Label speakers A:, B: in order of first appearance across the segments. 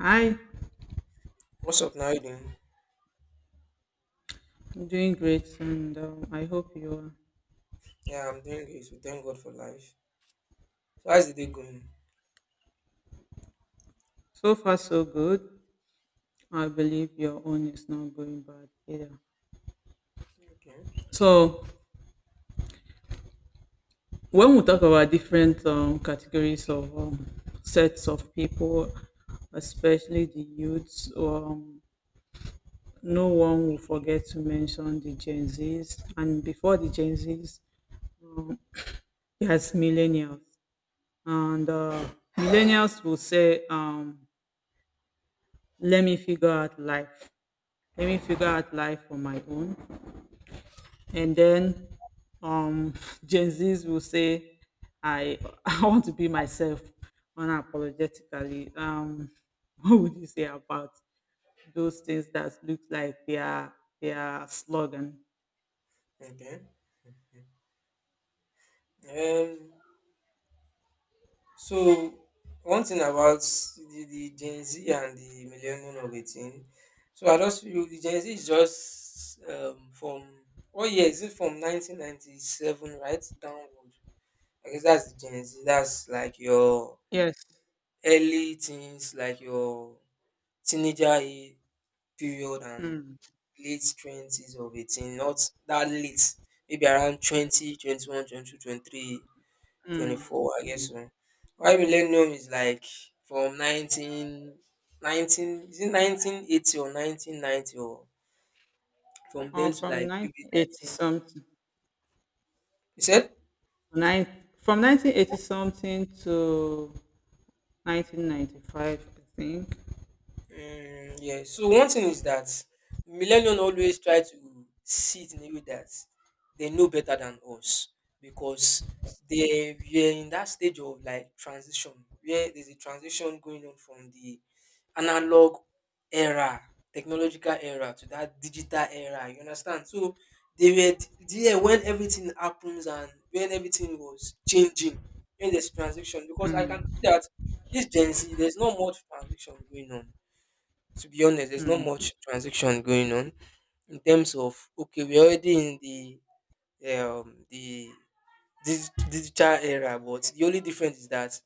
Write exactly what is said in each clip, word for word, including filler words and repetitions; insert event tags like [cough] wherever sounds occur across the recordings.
A: Hi,
B: What's up? Now how you doing?
A: I'm doing great, and um, I hope you are.
B: Yeah, I'm doing great. We thank God for life. So how's the day going?
A: So far, so good. I believe your own is not going bad either.
B: Okay.
A: So, when we talk about different um, categories of um, sets of people, especially the youths, um, no one will forget to mention the Gen Zs. And before the Gen Zs, um, there's millennials. And uh, millennials will say, um, let me figure out life Let me figure out life on my own. And then um [laughs] Gen Zs will say I [laughs] I want to be myself unapologetically. Um [laughs] what would you say about those things that look like they are they are slogan?
B: Okay. Um. So one thing about the, the Gen Z and the millennial of eighteen. So I just feel the Gen Z is just um from what year is it? From nineteen ninety seven right downward. I guess that's the Gen Z. That's like your
A: Yes.
B: early teens, like your teenager age period and
A: Mm,
B: late twenties of eighteen, not that late, maybe around twenty, twenty one, twenty two, twenty three, twenty
A: mm,
B: four. I guess
A: mm.
B: so. Why millennium is like from nineteen, nineteen, is it nineteen eighty or nineteen ninety, or from then
A: Uh,
B: to
A: from
B: like maybe
A: nineteen eighty
B: nineteen,
A: something,
B: you said?
A: nine, from nineteen eighty something to nineteen ninety-five, I think.
B: Mm, yeah. So one thing is that millennials always try to see it in a way that they know better than us because they were in that stage of like transition where there's a transition going on from the analog era, technological era to that digital era. You understand? So they were d- there when everything happens and when everything was changing in this transition because I can
A: Mm,
B: see that this Gen Z, there's not much transition going on, to be honest. There's not
A: mm,
B: much transaction going on in terms of okay, we're already in the um the dig- digital era, but the only difference is that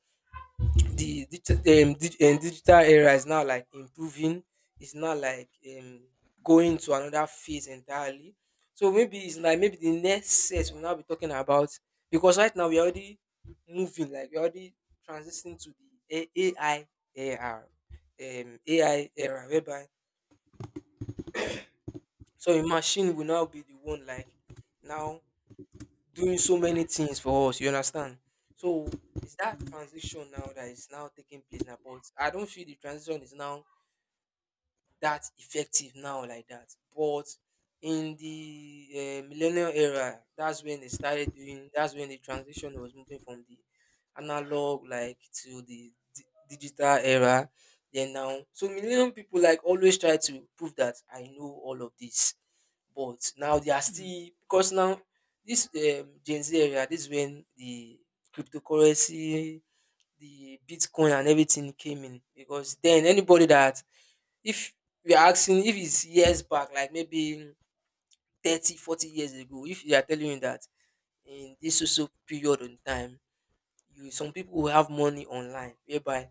B: the digital um, dig- um, digital era is now like improving. It's not like um going to another phase entirely. So maybe it's like maybe the next set we'll now be talking about because right now we're already moving, like we're already transitioning to the A- AI era, um A I era, whereby so a machine will now be the one like now doing so many things for us. You understand? So it's that transition now that is now taking place now. But I don't feel the transition is now that effective now like that. But in the uh, millennial era, that's when they started doing. That's when the transition was moving from the analog like to the di- digital era. Then now, so millennial people like always try to prove that I know all of this, but now they are still because now this um, Gen Z area, this is when the cryptocurrency, the Bitcoin, and everything came in because then anybody that, if you're asking if it's years back, like maybe thirty, forty years ago, if they are telling you that in this so so period in time, you, some people will have money online whereby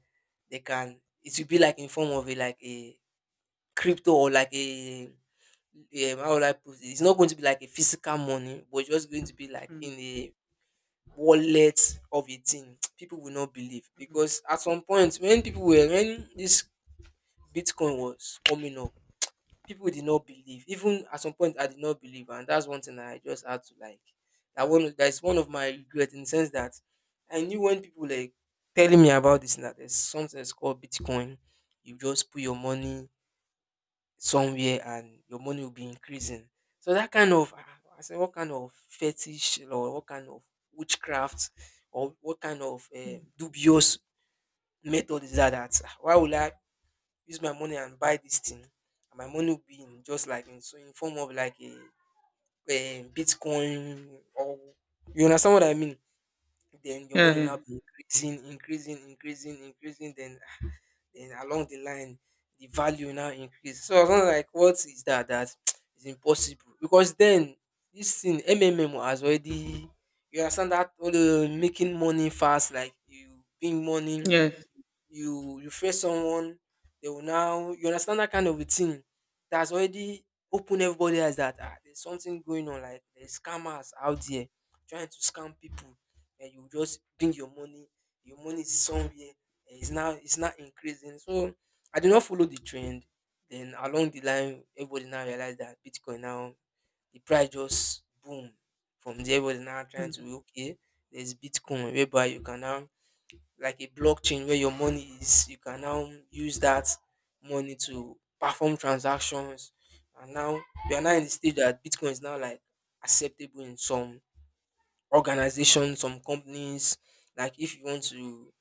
B: they can, it will be like in form of a, like a crypto, or like a, um, how would I put it? It's not going to be like a physical money, but just going to be like in
A: mm,
B: a wallet of a thing. [tsk] People will not believe
A: mm.
B: because at some point when people were, when this Bitcoin was coming up, people did not believe. Even at some point, I did not believe, and that's one thing I just had to like. That one, that's one of my regret in the sense that I knew when people like telling me about this, and that there's something that's called Bitcoin. You just put your money somewhere and your money will be increasing. So that kind of, ah, I said, what kind of fetish or what kind of witchcraft or what kind of um dubious method is that? That why would I use my money and buy this thing, and my money will be in just like in so in form of like a, a bitcoin, or you understand what I mean? Then your
A: Yeah,
B: money will
A: yeah.
B: now be increasing, increasing, increasing, increasing. Then ah, then along the line the value now increase. So I was not like, what is that that [tsk] is impossible because then this thing mmm has already, you understand, that all the making money fast, like you bring money,
A: Yes.
B: you you face someone, they will now, you understand that kind of a thing, that's already open everybody eyes that, ah, there's something going on, like there's scammers out there trying to scam people, and you just bring your money, your money is somewhere, and it's now, it's not increasing. So I did not follow the trend. Then along the line, everybody now realized that bitcoin, now the price just boom. From there, everybody now trying
A: Mm,
B: to, okay, there's bitcoin whereby you can now, like a blockchain where your money is, you can now use that money to perform transactions. And now we are now in
A: mm,
B: the stage that bitcoin is now like acceptable in some organizations, some companies. Like, if you want to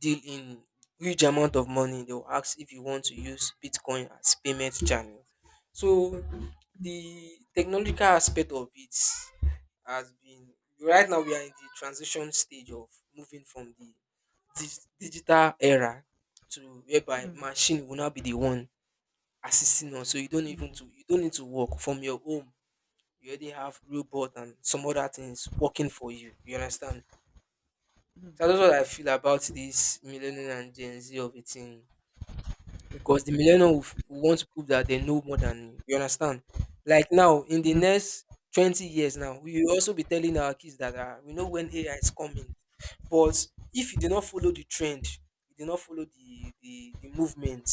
B: deal in huge amount of money, they will ask if you want to use bitcoin as payment channel. So the technological aspect of it has been, right now we are in the transition stage of moving from the dis- digital era to whereby
A: mm,
B: machine will now be the one assisting us. So you don't
A: mm,
B: even to, you don't need to work from your home. You already have robot and some other things working for you. You understand? So that's what I feel about this millennial and Gen Z of a thing because the millennial will, f- will want to prove that they know more than you. You understand? Like now, in the
A: mm,
B: next twenty years now, we will also be telling our kids that uh, we know when A I is coming. But if you do not follow the trend, you do not follow the the, the movement,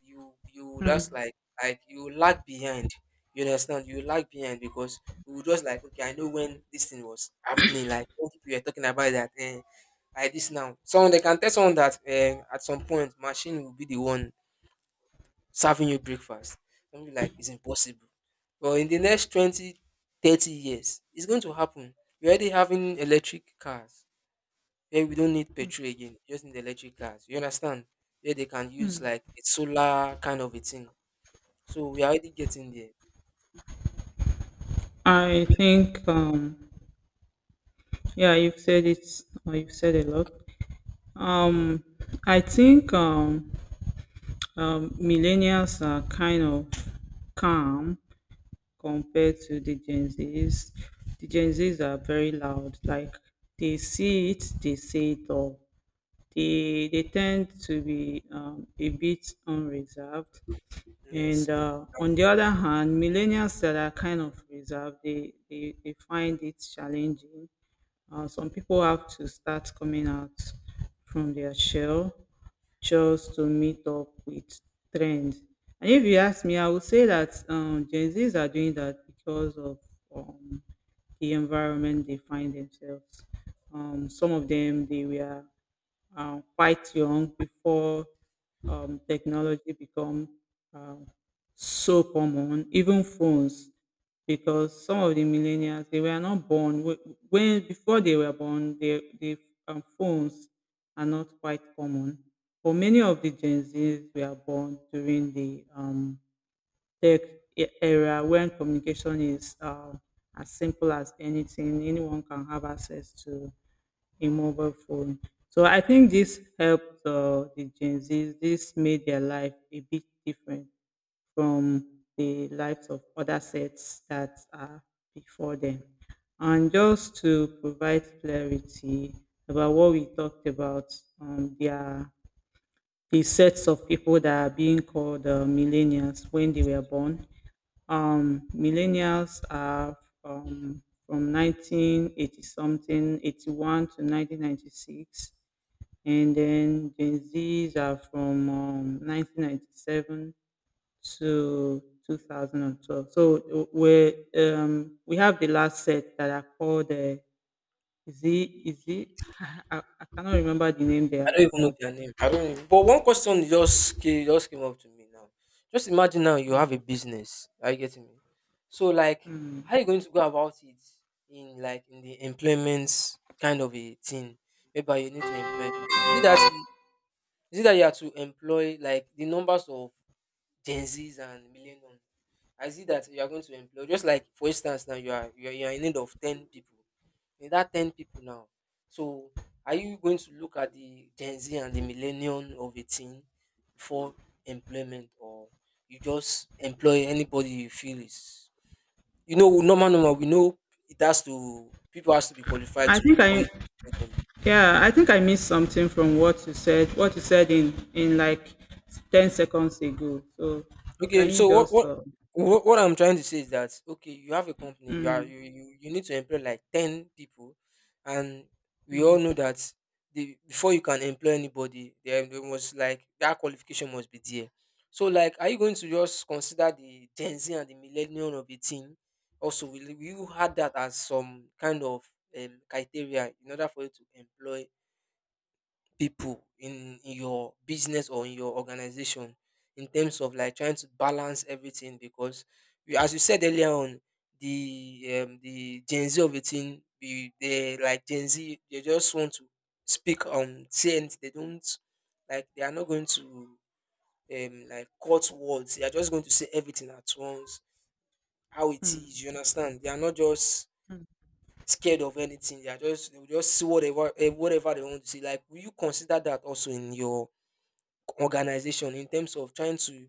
B: you you will just
A: mm.
B: like, like you will lag behind. You understand? You will lag behind because we will just like, okay, I know when this thing was happening. Like when people were talking about that, eh, like this now. Someone, they can tell someone that, eh, at some point machine will be the one serving you breakfast. Don't be like it's impossible. Well, in the next twenty, thirty years, it's going to happen. We're already having electric cars where we don't need petrol again, just need electric cars. You understand? Where they can use like a solar kind of a thing. So we are already getting there.
A: I think um yeah, you've said it or you've said a lot. Um I think, um, um millennials are kind of calm compared to the Gen Zs. The Gen Zs are very loud, like they see it, they say it all. They they tend to be um, a bit unreserved.
B: Yes,
A: And
B: yes.
A: uh, on the other hand, millennials that are kind of reserved, they, they, they find it challenging. Uh, some people have to start coming out from their shell just to meet up with trends. And if you ask me, I would say that um, Gen Zs are doing that because of um, the environment they find themselves. Um, some of them, they were uh, quite young before um, technology become um, so common, even phones, because some of the millennials they were not born wh- when before they were born. They, the um, phones are not quite common, but many of the Gen Zs were born during the um, tech e- era when communication is uh, as simple as anything. Anyone can have access to in mobile phone. So I think this helped uh, the Gen Zs. This made their life a bit different from the lives of other sets that are before them. And just to provide clarity about what we talked about, um, there are the sets of people that are being called uh, millennials when they were born. Um, millennials are um, from nineteen eighty something eighty-one to nineteen ninety-six, and then gen z's are from um, nineteen ninety-seven to two thousand twelve. So we um, we have the last set that are called uh, z. Is it [laughs] I, I cannot remember the name they
B: I
A: are
B: don't even know
A: called.
B: their name. I don't. Even- But one question just came, just came up to me now. Just imagine now you have a business. Are you getting me? So like,
A: Hmm.
B: how are you going to go about it in like in the employment kind of a thing? Whereby you need to employ. People? Is it that you- is it that you have to employ like the numbers of Gen Zs and millennials? I see that you are going to employ, just like, for instance, now you are you are, you are in need of ten people. In that ten people now, so are you going to look at the Gen Z and the millennium of a team for employment, or you just employ anybody you feel is, you know, normal normal? We know it has to people has to be qualified
A: I think
B: to for
A: I
B: you to employ them.
A: Yeah, I think I missed something from what you said. What you said in in like ten seconds ago. So
B: Okay,
A: can you
B: so what
A: just
B: what
A: uh,
B: what what I'm trying to say is that, okay, you have a company, you are
A: mm,
B: you you, you need to employ like ten people, and we all know that the before you can employ anybody, there there must like that qualification must be there. So like, are you going to just consider the Gen Z and the millennial of the team? Also, will you will you add that as some kind of um, criteria in order for you to employ people in, in your business or in your organization in terms of like trying to balance everything because you, as you said earlier on the um, the gen z of a thing, be- they like gen z, they just want to speak on things they don't like. They are not going to um like cut words. They are just going to say everything at once how it is, you understand? They are not just scared of anything, they are just, they will just see whatever, eh, whatever they want to see. Like, will you consider that also in your organization in terms of trying to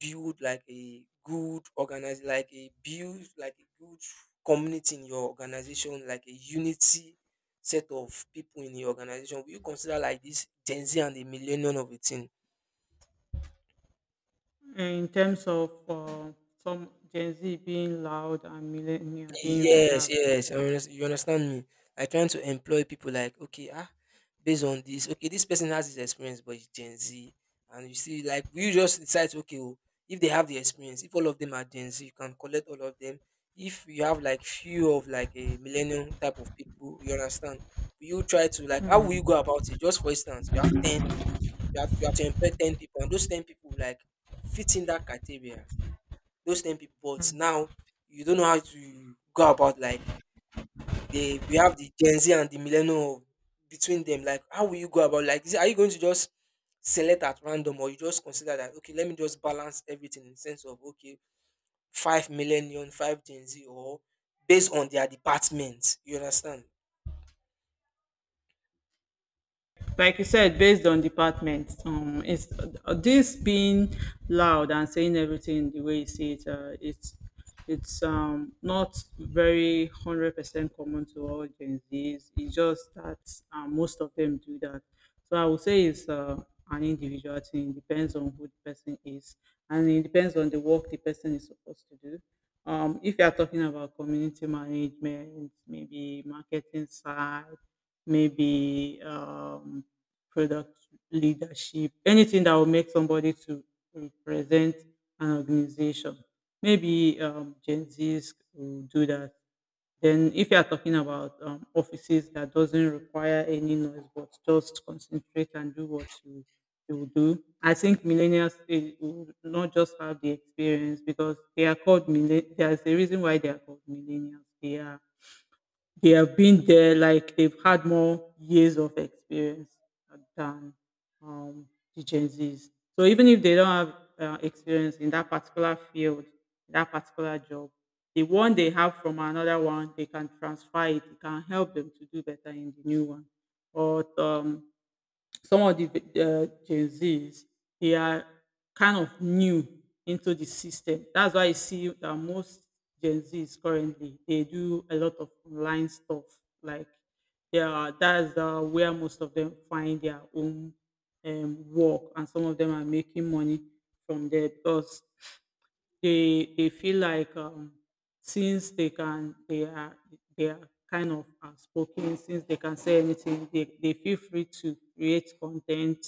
B: build like a good organize, like a build like a good community in your organization, like a unity set of people in the organization? Will you consider like this gen z and the millennium of a thing?
A: in terms of uh, some Gen Z being loud and millennial being
B: Yes,
A: reserved?
B: yes. I unders- You understand me? Like, trying to employ people like, okay, ah, based on this, okay, this person has this experience, but it's Gen Z. And you see, like, you just decide to, okay, oh, if they have the experience, if all of them are Gen Z, you can collect all of them. If you have like few of like a millennium type of people, you understand? You try to like, how will you go about it? Just for instance, you have ten, you have, you have to employ ten people, and those ten people like fit in that criteria. Those ten people, but now you don't know how to go about like they we have the Gen Z and the millennial between them. Like, how will you go about? Like, is are you going to just select at random, or you just consider that, okay, let me just balance everything in the sense of, okay, five millennium, five Gen Z, or based on their department. You understand?
A: Like you said, based on department, um, it's uh, this being loud and saying everything the way you say it, uh, it's it's um not very hundred percent common to all Gen Zs. It's just that um, most of them do that. So I would say it's uh, an individual thing. It depends on who the person is, and it depends on the work the person is supposed to do. Um, if you are talking about community management, maybe marketing side, maybe um, product leadership, anything that will make somebody to represent an organization, maybe um, Gen Zs will do that. Then, if you are talking about um, offices that doesn't require any noise but just concentrate and do what you they will do. I think millennials they will not just have the experience because they are called millen. There's a reason why they are called millennials. They are they have been there, like they've had more years of experience than um, the Gen Zs. So even if they don't have uh, experience in that particular field, that particular job, the one they have from another one, they can transfer it. It can help them to do better in the new one. But um, some of the uh, Gen Zs, they are kind of new into the system. That's why I see that most Gen Zs currently they do a lot of online stuff. Like they are that's uh, where most of them find their own um, work, and some of them are making money from there because they they feel like um, since they can they are they are kind of outspoken since they can say anything, they, they feel free to create content.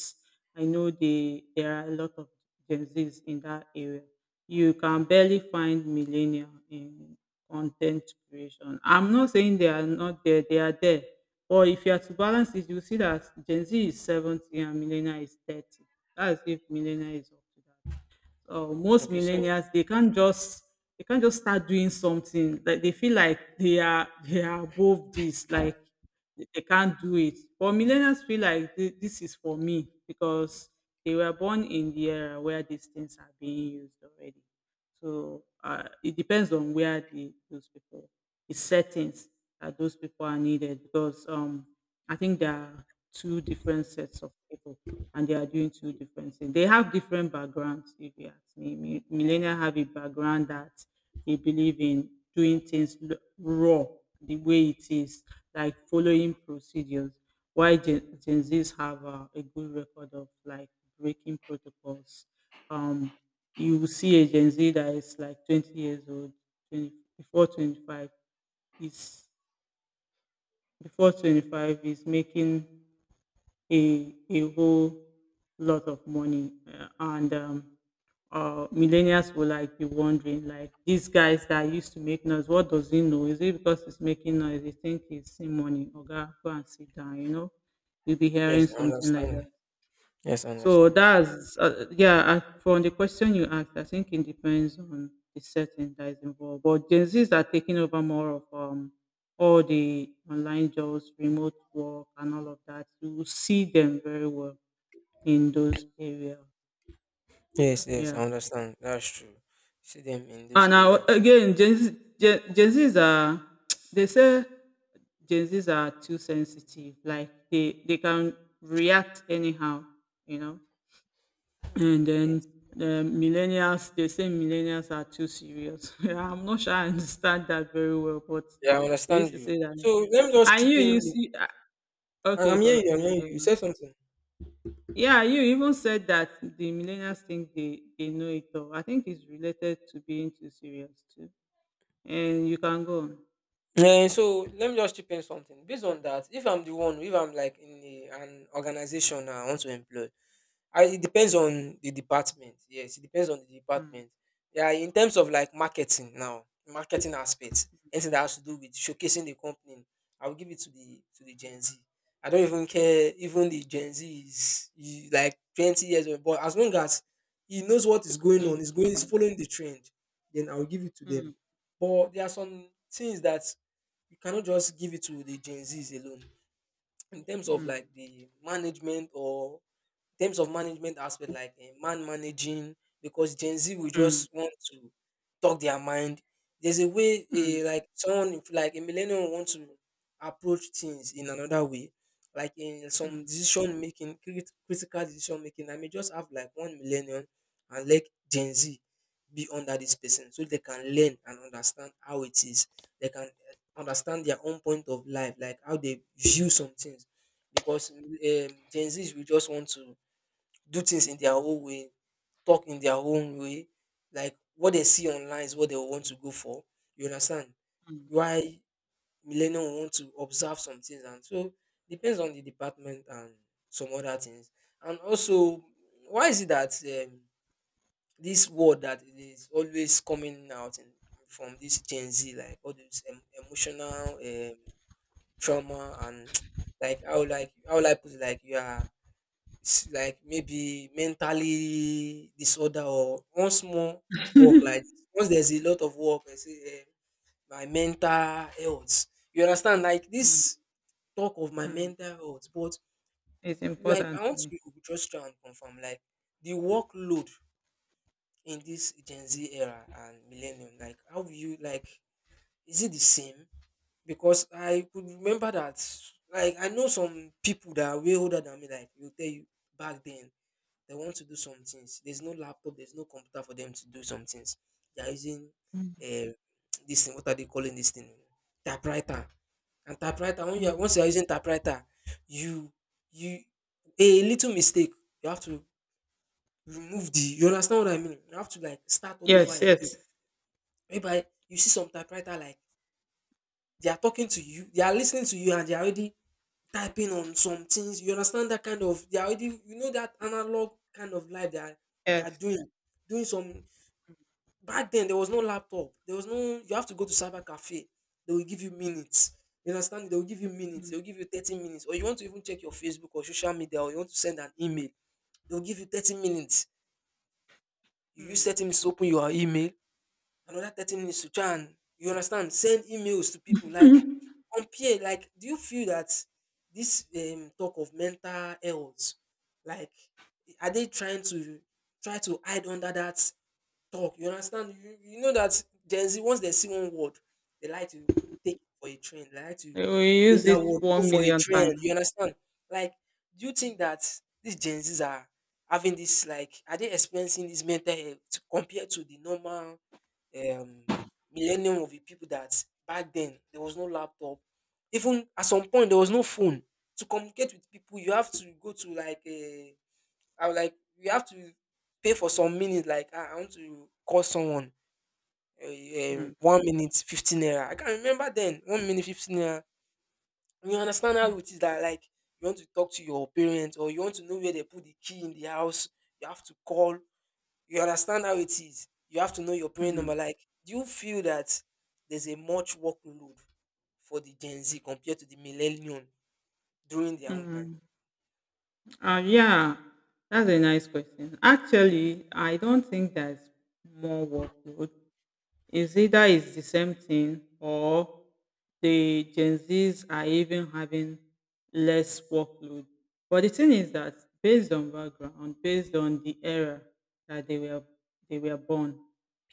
A: I know they there are a lot of gen z's in that area. You can barely find millennial in content creation. I'm not saying they are not there, they are there. But if you are to balance it, you see that gen z is seventy and millennial is thirty. That's if millennial is up to that. Uh, most
B: Okay, so
A: millennials they can't just they can't just start doing something like they feel like they are they are above this. Like they they can't do it. But millennials feel like thi- this is for me because they were born in the era where these things are being used already. So uh, it depends on where the, those people, the settings that those people are needed, because um I think there are two different sets of people, and they are doing two different things. They have different backgrounds, if you ask me. Mi- Millennials have a background that they believe in doing things l- raw, the way it is, like following procedures. Why Gen, Gen Zs have uh, a good record of like breaking protocols. Um, you will see a Gen Z that is like twenty years old, twenty, before twenty-five, is before twenty-five is making a a whole lot of money, uh, and um, uh, millennials will like be wondering, like these guys that used to make noise, what does he know? Is it because he's making noise? They think he's seeing money. Oga, go and sit down. You know, you'll be hearing
B: yes, I
A: something like
B: understand.
A: that.
B: Yes, I
A: So
B: understand.
A: that's uh, yeah. I, from the question you asked, I think it depends on the setting that is involved. But Gen Zs are taking over more of um all the online jobs, remote work, and all of that. You will see them very well in those areas.
B: Yes, yes, I
A: Yeah.
B: understand. That's true. See them in those
A: And now
B: areas.
A: again, Gen, Z, Gen, Gen Zs are [tsk] they say Gen Zs are too sensitive. Like they they can react anyhow. You know And then
B: Yes,
A: the millennials, they say millennials are too serious. [laughs] Yeah, I'm not sure I understand that very well, but
B: yeah, I
A: they
B: understand
A: used to
B: you.
A: say that.
B: So let me just
A: And
B: chip
A: you,
B: in.
A: you
B: with-
A: see, ah,
B: I-
A: okay,
B: I'm hearing you. I'm
A: continue.
B: hearing
A: Go
B: you. You
A: on.
B: said something.
A: Yeah, you even said that the millennials think they, they know it all. I think it's related to being too serious too. And you can go on.
B: Yeah, so let me just chip in something. Based on that, if I'm the one, if I'm like in a, an organization I want to employ, I, it depends on the department. Yes, it depends on the
A: Mm,
B: department. Yeah, in terms of like marketing now, marketing aspects, anything that has to do with showcasing the company, I will give it to the to the Gen Z. I don't even care. Even the Gen Z is is like twenty years old, but as long as he knows what is going on,
A: mm,
B: is going, is following the trend, then I will give it to them.
A: mm,
B: But there are some things that you cannot just give it to the Gen Zs alone in terms of
A: mm,
B: like the management or terms of management aspect, like eh, man managing, because Gen Z will
A: mm,
B: just want to talk their mind. There's a way,
A: mm,
B: eh, like someone, if like a millennial, want to approach things in another way, like in some
A: mm,
B: decision making, crit- critical decision making. I may just have like one millennial and let Gen Z be under this person, so they can learn and understand how it is. They can eh, understand their own point of life, like how they view some things because um, Gen Zs will just want to do things in their own way, talk in their own way. Like what they see online is what they want to go for. You understand?
A: mm,
B: Why millennials want to observe some things, and so depends on the department and some other things. And also, why is it that um, this word that it is always coming out in, from this Gen Z, like all this em- emotional um, trauma and [tsk] like how like how will I put it, like you are s- like maybe mentally disorder or once more work like this. Once there's a lot of work, I say, um, my mental health, you understand, like
A: mm,
B: this talk of my
A: mm.
B: mental health, but
A: It's
B: like I
A: important to
B: want
A: me.
B: you to just try and confirm like the workload in this Gen Z era and millennium, like how you like, is it the same? Because I could remember that like I know some people that are way older than me, like, will tell you back then they want to do some things. There's no laptop, there's no computer for them to do some things. They are using
A: Mm,
B: uh, this thing, what are they calling this thing? Typewriter. And typewriter, when you are,
A: mm.
B: once you are using typewriter, you you a little mistake, you have to remove the, you understand what I mean? You have to like start all over
A: Yes,
B: again.
A: yes,
B: Whereby you see some typewriter like they are talking to you, they are listening to you and they are already typing on some things. You understand that kind of, they are already, you know, that analog kind of life they are they are
A: yes.
B: doing, doing some back then there was no laptop, there was no, you have to go to cyber cafe, they will give you minutes, you understand, they will give you minutes,
A: Mm,
B: they will give you thirty minutes, or you want to even check your Facebook or social media, or you want to send an email, they will give you thirty minutes, you use thirty
A: mm.
B: minutes to open your email, another thirty minutes to try and, you understand, send emails to people. Like, compare, like, do you feel that this um, talk of mental health like, are they trying to try to hide under that talk? You understand? You, you know that Gen Z, once they see one word, they like to take it for a trend. They like to
A: Uh, We
B: make
A: use
B: that word
A: it
B: go for a
A: one million times.
B: trend. You understand? Like, do you think that these Gen Zs are having this, like, are they experiencing this mental health compared to the normal um, millennium of the people that back then there was no laptop? Even at some point, there was no phone. To communicate with people, you have to go to like a, I was like, you have to pay for some minutes. Like, ah, I want to call someone. Uh,
A: Mm,
B: one minute, fifteen naira. I can remember then, one minute, fifteen naira. You understand how it is that, like, you want to talk to your parents or you want to know where they put the key in the house, you have to call. You understand how it is. You have to know your parent number.
A: mm,
B: Like, do you feel that there's a much workload for the Gen Z compared to the millennium during their own time?
A: mm. Uh, yeah, that's a nice question. Actually, I don't think there's more workload. Is either it's the same thing or the Gen Zs are even having less workload. But the thing is that based on background, based on the era that they were they were born,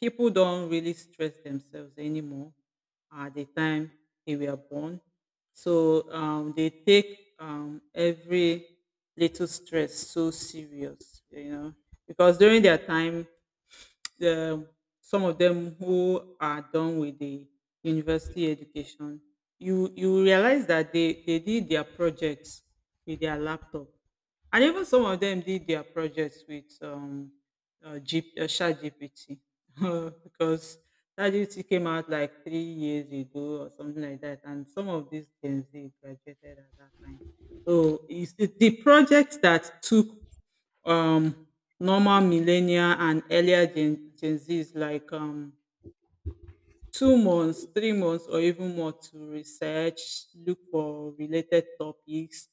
A: people don't really stress themselves anymore at the time they were born. So um, they take um, every little stress so serious, you know, because during their time um, some of them who are done with the university education, you you realize that they, they did their projects with their laptop. And even some of them did their projects with um, uh, G, uh, ChatGPT [laughs] because ChatGPT came out like three years ago or something like that. And some of these Gen Z graduated at that time. So it's the, the projects that took um normal millennial and earlier gen, gen z's like um two months three months or even more to research, look for related topics,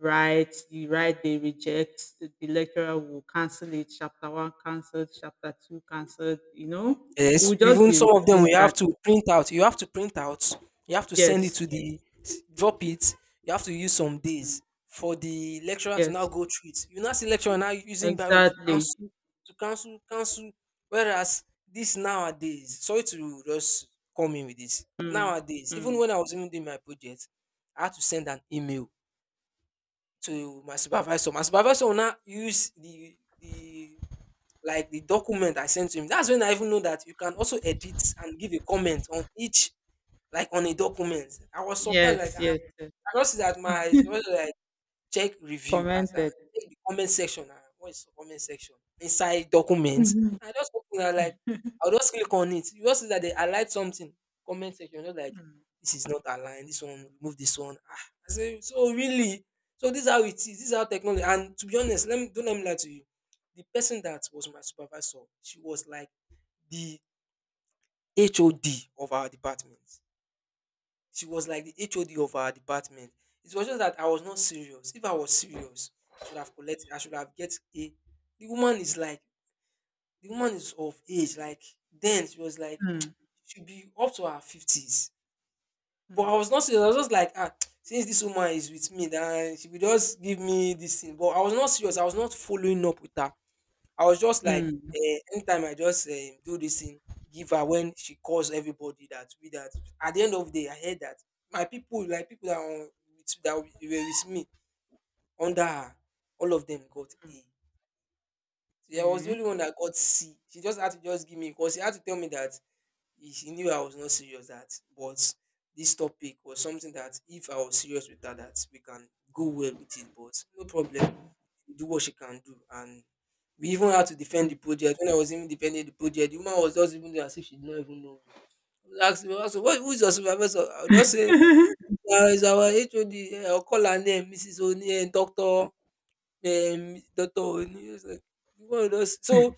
A: write. You write, they reject. The lecturer will cancel it. Chapter one cancelled, chapter two cancelled, you know. It
B: Yes,
A: will just
B: even
A: be
B: some of them,
A: repeating
B: we have
A: that.
B: to print out. You have to print out. You have to send it
A: Yes.
B: to the s- drop it. You have to use some days
A: Mm,
B: for the lecturer to now
A: yes,
B: go through it. You now see lecturer now using Biro to
A: exactly.
B: cancel, to cancel, cancel. Whereas this nowadays, sorry to just come in with this.
A: Mm,
B: Nowadays, even
A: mm,
B: when I was even doing my project, I had to send an email
A: mm.
B: to my supervisor. My supervisor will now use the the like the document I sent to him. That's when I even know that you can also edit and give a comment on each, like on a document. I was surprised, like
A: Yes,
B: I,
A: yes, yes.
B: I just see that my supervisor like, check review as at,
A: Commented.
B: check the comment section, and what is comment section inside document.
A: Mhm.
B: I just open am like, I'll just click on it. You just see that they highlight something, comment section, just like,
A: Mm,
B: this is not aligned, this one, remove this one. Ah, I say, so really? So this is how it is, this is how technology, and to be honest, let me, don't let me lie to you. The person that was my supervisor, she was like the H O D of our department. She was like the H O D of our department. It was just that I was not serious. If I was serious, I should have collected, I should have get A. The woman is like, the woman is of age. Like then she was like,
A: mm,
B: [tsk] she should be up to her fifties. But I
A: mm.
B: was not serious. I was just like, ah, [tsk] since this woman is with me, then she will just give me this thing. But I was not serious. I was not following up with her. I was just like,
A: Mm.
B: eh, anytime I just um, do this thing, give her when she calls everybody that we that. At the end of the day, I heard that my people, like people that were with, that were with me under her, all of them got A. So I was the
A: Okay.
B: only one that got C. She just had to just give me because she had to tell me that he- she knew I was not serious that, but this topic was something that if I was serious with her, that we can go well with it. But no problem, do what she can do. And we even had to defend the
A: Mm.
B: project. When I was even defending the project, the woman was just even there as if she did not even know me. I was asking her, so what, who is your supervisor? I'll just say, uh, it's our H O D. Eh, I'll call her name, missus Oni, and doctor Um, doctor Oni. It's like, the woman just- so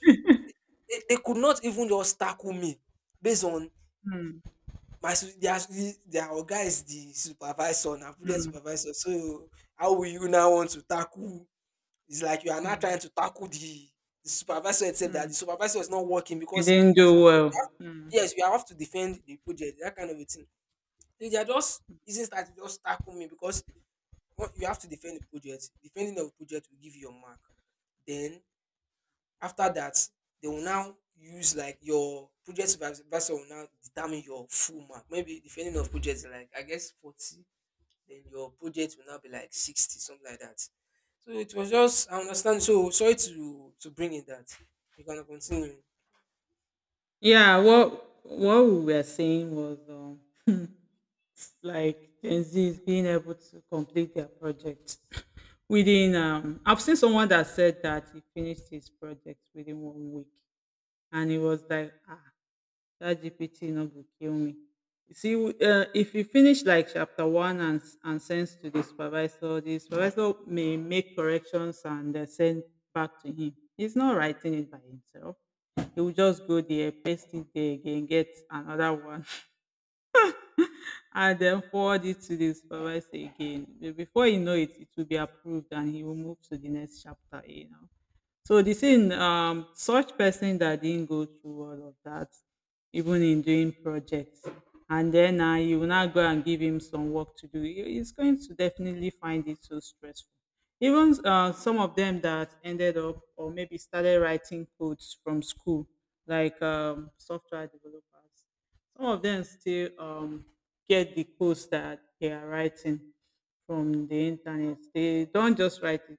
B: they, they could not even just tackle me based on
A: Mm,
B: my su- their, their guy is the supervisor, na project
A: mm,
B: supervisor. So how will you now want to tackle, it's like you are now
A: mm.
B: trying to tackle the the supervisor itself, that the
A: Mm.
B: supervisor is not working
A: You [laughs]
B: because
A: didn't
B: as I
A: do
B: said,
A: well. Mm.
B: yes, we have to defend the project, that kind of a thing. They they are just using that to just tackle me because what- you have to defend the project. Defending the project will give you your mark. Then after that, they will now use like your project supervisor will now determine your full mark. Maybe defending of projects is like I guess forty, then your project will now be like sixty, something like that. So it was just, I understand, so sorry to to bring in that. You can continue.
A: Yeah, what what we were saying was um, like Gen Z is being able to complete their project [coughs] within. Um, I've seen someone that said that he finished his project within one week, and he was like, ah, that ChatGPT no go kill me. You see, um if you finish like chapter one and s- and send to the supervisor, the supervisor may make corrections and uh, send back to him. He's not writing it by himself. He will just go there, paste it there again, get another [laughs] one and then forward it to the supervisor again. Be- Before you know it, it will be approved and he will move to the next chapter, you know. So the thing, um, such person that didn't go through all of that, even in doing projects, and then uh, you will not go and give him some work to do. he- He's going to definitely find it so stressful. Even uh, some of them that ended up or maybe started writing codes from school, like um, software developers, some of them still um, get the codes that they are writing from the internet. They don't just write it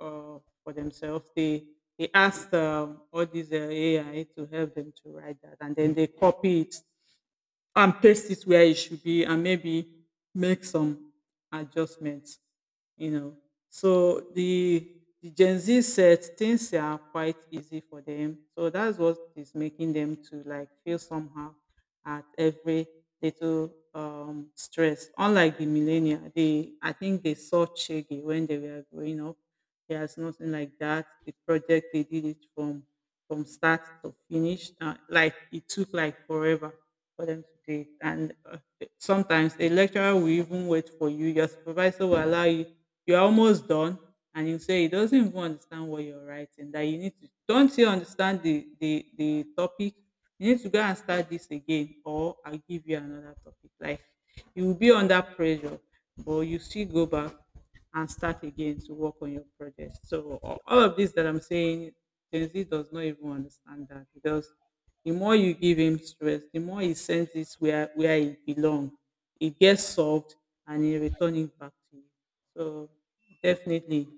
A: uh, for themselves. They they ask um, all these uh, A I to help them to write that, and then they copy it and paste it where it should be and maybe make some adjustments you know so the the Gen Z, set things are quite easy for them, so that's what is making them to like feel somehow at every little um stress. Unlike the millennial, they, I think they saw Shaggy when they were growing up. There's nothing like that. The project, they did it from from start to finish. Uh, like, it took like forever for them to do it. And uh, sometimes a lecturer will even wait for you. Your supervisor will allow you. You're almost done, and you say he doesn't even understand what you're writing. That you need to, don't you understand the the the topic. You need to go and start this again, or I'll give you another topic. Like, you will be under pressure, but you still go back and start again to work on your project. So a- all of this that I'm saying, Gen Z does not even understand that, because the more you give him stress, the more he sends it where where it belongs. It gets solved and he return it back to you. So definitely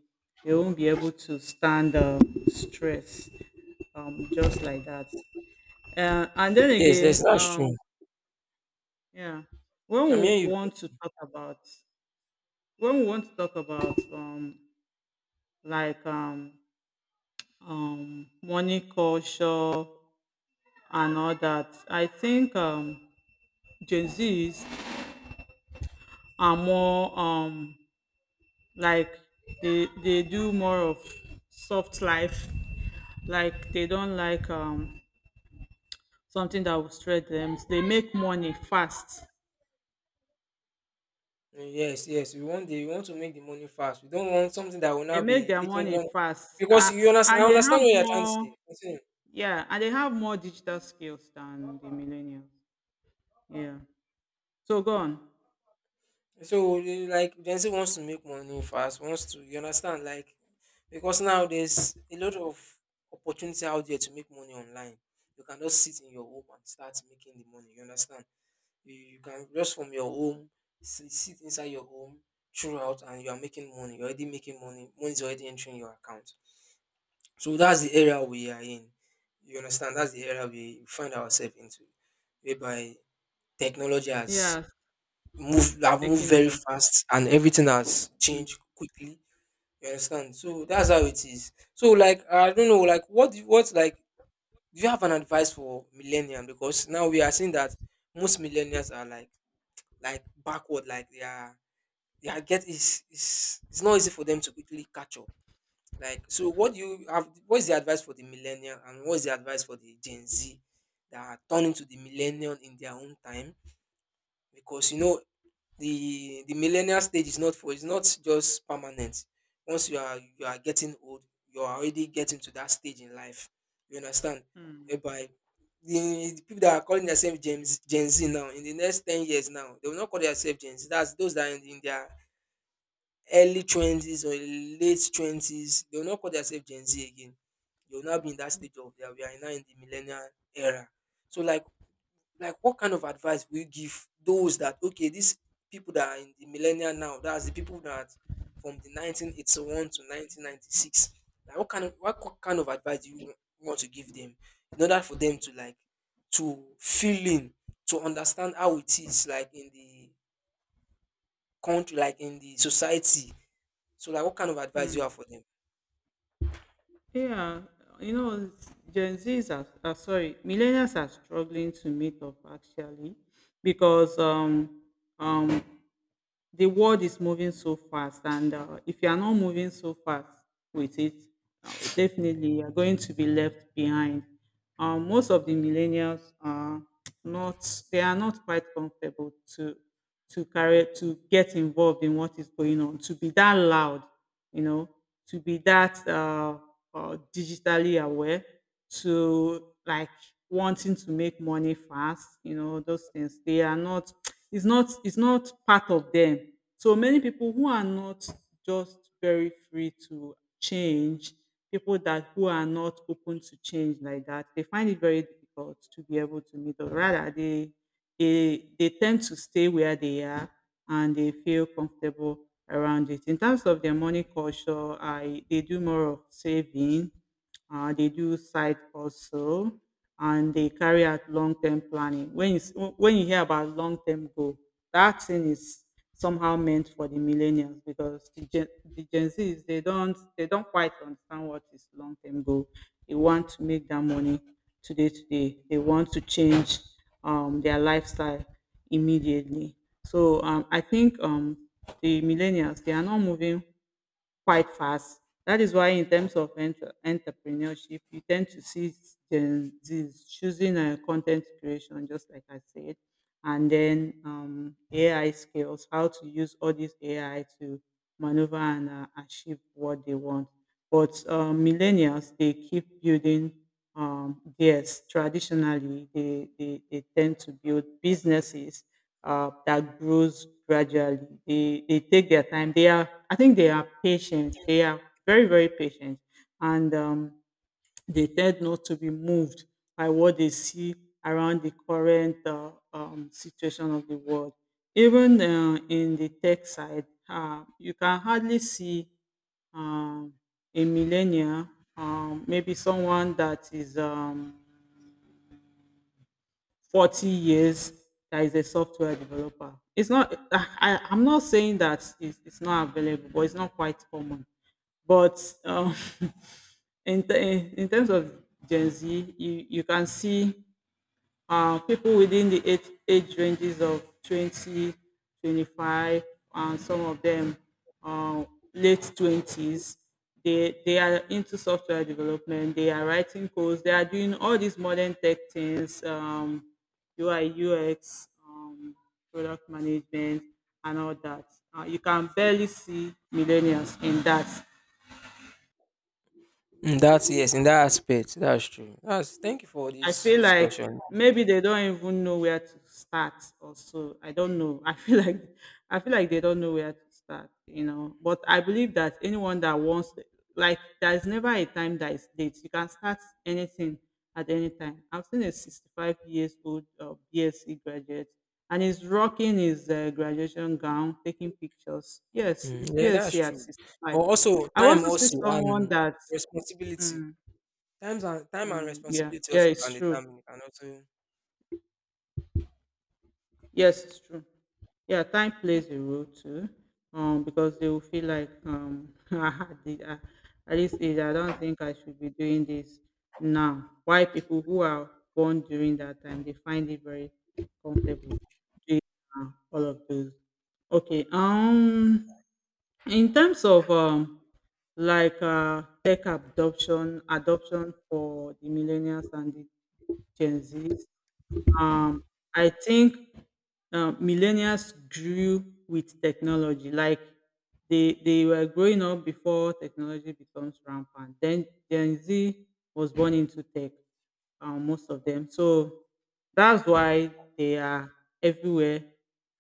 A: they won't be able to stand um, stress um, just like that. Uh, and then
B: Yes, yes,
A: again,
B: that's true.
A: um, yeah, when
B: I mean
A: we
B: you
A: want to talk about when we want to talk about um, like um, um, money culture and all that. I think um, Gen Zs are more um, like, they they do more of soft life. Like, they don't like um, something that will stress them. They make money fast.
B: Yes, yes, we want the, we want to make the money fast. We don't want something that will
A: They
B: now
A: make
B: be
A: their
B: taking
A: money
B: long
A: fast,
B: because
A: uh,
B: you understand, I
A: and they
B: understand what
A: have
B: you're trying to
A: more.
B: say. Continue.
A: Yeah, and they have more digital skills than the millennials. Yeah. So go on.
B: So you like, Gen Z wants to make money fast, wants to, you understand, like, because now there's a lot of opportunity out there to make money online. You can just sit in your home and start making the money, you understand. You, you can just from your home, sit, sit inside your home throughout, and you are making money. You're already making money. Money is already entering your account. So that's the area we are in. You understand? That's the area we find ourselves into, whereby technology has
A: Yeah,
B: moved, have moved
A: taking
B: very
A: over.
B: fast, and everything has changed quickly. You understand? So that's how it is. So like I don't know, like what do- what like do you have an advice for millennials? Because now we are seeing that most millennials are like like backward, like they are, they are get, it's it's it's not easy for them to quickly catch up. Like, so what do you have, what is the advice for the millennial and what is the advice for the Gen Z that are turning to the millennial in their own time? Because you know the the millennial stage is not for, it's not just permanent. Once you are, you are getting old, you are already getting to that stage in life, you understand, whereby the, the people that are calling themselves gen, gen z now, in the next ten years now they will not call themselves gen z. That's those that are in, in their early twenties or late twenties, they will not call themselves gen z again. They will now be in that stage of, yeah, we are now in the millennial era. So like like what kind of advice will you give those that, okay, these people that are in the millennia now, that's the people that from the nineteen eighty-one to nineteen ninety-six. Like what kind of, what co- kind of advice do you wa- want to give them in order for them to like to feel in, to understand how it is like in the country, like in the society. So like what kind of advice you have for them?
A: Yeah, you know, it's- Gen Zs are, are sorry, millennials are struggling to meet up actually because um um the world is moving so fast, and uh, if you are not moving so fast with it, uh, definitely you are going to be left behind. Um, most of the millennials are not, they are not quite comfortable to to carry to get involved in what is going on, to be that loud, you know, to be that uh, uh, digitally aware, to like wanting to make money fast. You know, those things, they are not, it's not it's not part of them. So many people who are not just very free to change, people that who are not open to change like that, they find it very difficult to be able to meet up. Rather, they they they tend to stay where they are and they feel comfortable around it. In terms of their money culture, I, they do more of saving, uh, they do side also, and they carry out long-term planning. When you s- when you hear about long-term goal, that thing is somehow meant for the millennials, because the Gen, the Gen Zs, they don't they don't quite understand what is long-term goal. They want to make that money today today. They want to change um, their lifestyle immediately. So um, I think um, the millennials, they are not moving quite fast. That is why, in terms of entre- entrepreneurship, you tend to see Gen Zs choosing uh, content creation, just like I said, and then um, A I skills, how to use all this A I to maneuver and uh, achieve what they want. But uh, millennials, they keep building um, theirs traditionally. They, they, they tend to build businesses uh, that grows gradually. They, they take their time. They are, I think they are patient. They are very, very patient. And um, they tend not to be moved by what they see around the current uh, um, situation of the world. Even uh, in the tech side, uh, you can hardly see um, a millennial, um, maybe someone that is um, forty years, that is a software developer. It's not, I, I- I'm not saying that it's, it's not available, but it's not quite common. But um, [laughs] in, t- in terms of Gen Z, you, you can see uh, people within the age, age ranges of twenty, twenty five, and some of them uh, late twenties. They, they are into software development, they are writing codes, they are doing all these modern tech things, um, U I, U X, um, product management, and all that. Uh, you can barely see millennials in that.
B: Mm, that's, yes, in that aspect, that's true. That's, thank you for
A: I
B: this
A: feel like
B: discussion.
A: maybe they don't even know where to start or so. I don't know. [laughs] I feel like I feel like they don't know where to start, you know. But I believe that anyone that wants, like, there's never a time that is late. You can start anything at any time. I've seen a sixty-five years old uh, BSc graduate, and he's rocking his uh, graduation gown, taking pictures. Yes, he's
B: Mm, yeah, that's
A: BSc at
B: true. But
A: sixty-five.
B: also
A: I
B: time
A: also see
B: also,
A: someone
B: and
A: that,
B: responsibility.
A: mm,
B: Times and time and
A: mm, yeah,
B: responsibility
A: yeah,
B: also can
A: it's true.
B: determine. Can also,
A: Yes, it's true. Yeah, time plays a role too, um, because they will feel like um, [laughs] I did, I, at this age, I don't think I should be doing this now. Why people who are born during that time, they find it very comfortable doing uh, all of those. Okay. Um, in terms of um, like uh, tech adoption, adoption for the millennials and the Gen Zs. Um, I think um, millennials grew with technology. Like, they they were growing up before technology becomes rampant. Then Gen Z was born into tech. Um, most of them. So that's why they are everywhere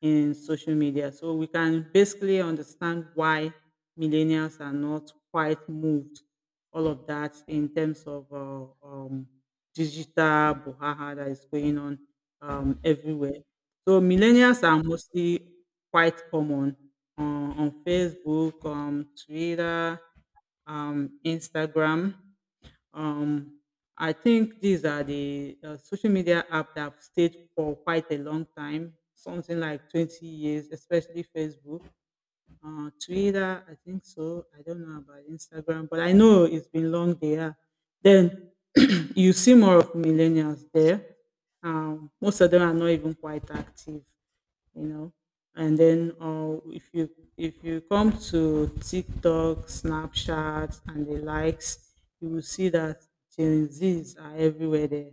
A: in social media. So we can basically understand why millennials are not quite moved all of that in terms of uh, um, digital bohaha that is going on um, everywhere. So millennials are mostly quite common on, on Facebook, um, Twitter, um, Instagram. Um, I think these are the uh, social media app that have stayed for quite a long time, something like twenty years, especially Facebook. Uh, Twitter, I think so. I don't know about Instagram, but I know it's been long there. Then [clears throat] you see more of millennials there. Um, most of them are not even quite active, you know. And then uh, if you if you come to TikTok, Snapchat, and the likes, you will see that Gen Zs are everywhere there.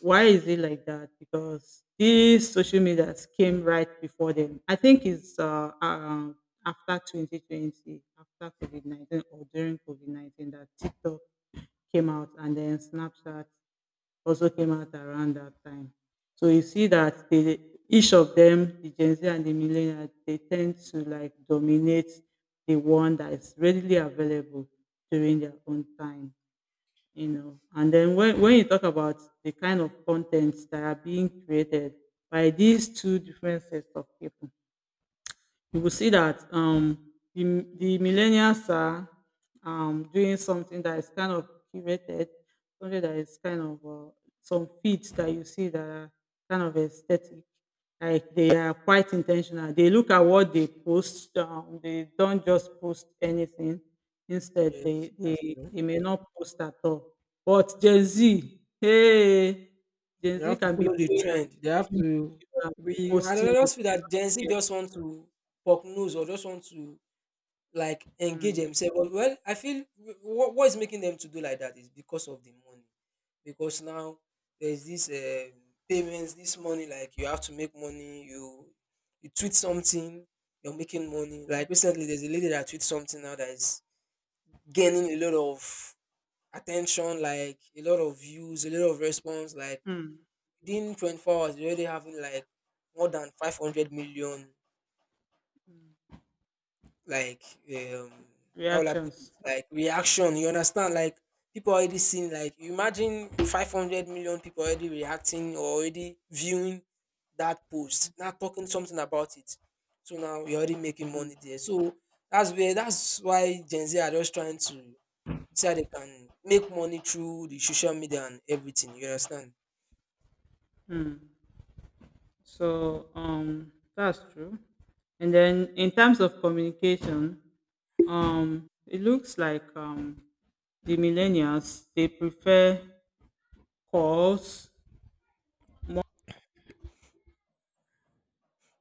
A: Why is it like that? Because these social medias came right before them. I think it's uh, um, after twenty twenty, after COVID nineteen or during COVID nineteen that TikTok came out, and then Snapchat also came out around that time. So you see that they, each of them, the Gen Z and the millennial, they tend to like dominate the one that is readily available during their own time, you know. And then when, when you talk about the kind of contents that are being created by these two different sets of people, you will see that um, the, the millennials are um, doing something that is kind of curated, something that is kind of uh, some feeds that you see that are kind of aesthetic. Like, they are quite intentional. They look at what they post. Um, they don't just post anything. Instead,
B: yes,
A: they,
B: that's
A: they
B: true.
A: they may not post at all. But Gen Z, hey, Gen
B: You
A: Z
B: have to
A: can be
B: follow the
A: playing and
B: trend. They have
A: making
B: to.
A: video and
B: We, I don't
A: posting it.
B: know, I just feel
A: They
B: that Gen
A: don't
B: Z
A: care.
B: just want to poke nose or just want to like engage
A: Hmm.
B: themselves. But well, I feel what, what is making them to do like that is because of the money. Because now there's this um, payments, this money. Like you have to make money. You you tweet something, you're making money. Like recently, there's a lady that tweets something now that is gaining a lot of attention, like a lot of views, a lot of response. Like
A: Hmm,
B: within twenty-four hours, you're already having like more than five hundred million like um how will I put it?
A: reactions.
B: Like reaction, you understand? Like people already seen. Like imagine five hundred million people already reacting or already viewing that post, now talking something about it. So now you're already making money there. So that's where, that's why Gen Z are just trying to see how they can make money through the social media and everything. You understand?
A: So um that's true. And then in terms of communication, um it looks like um the millennials, they prefer calls.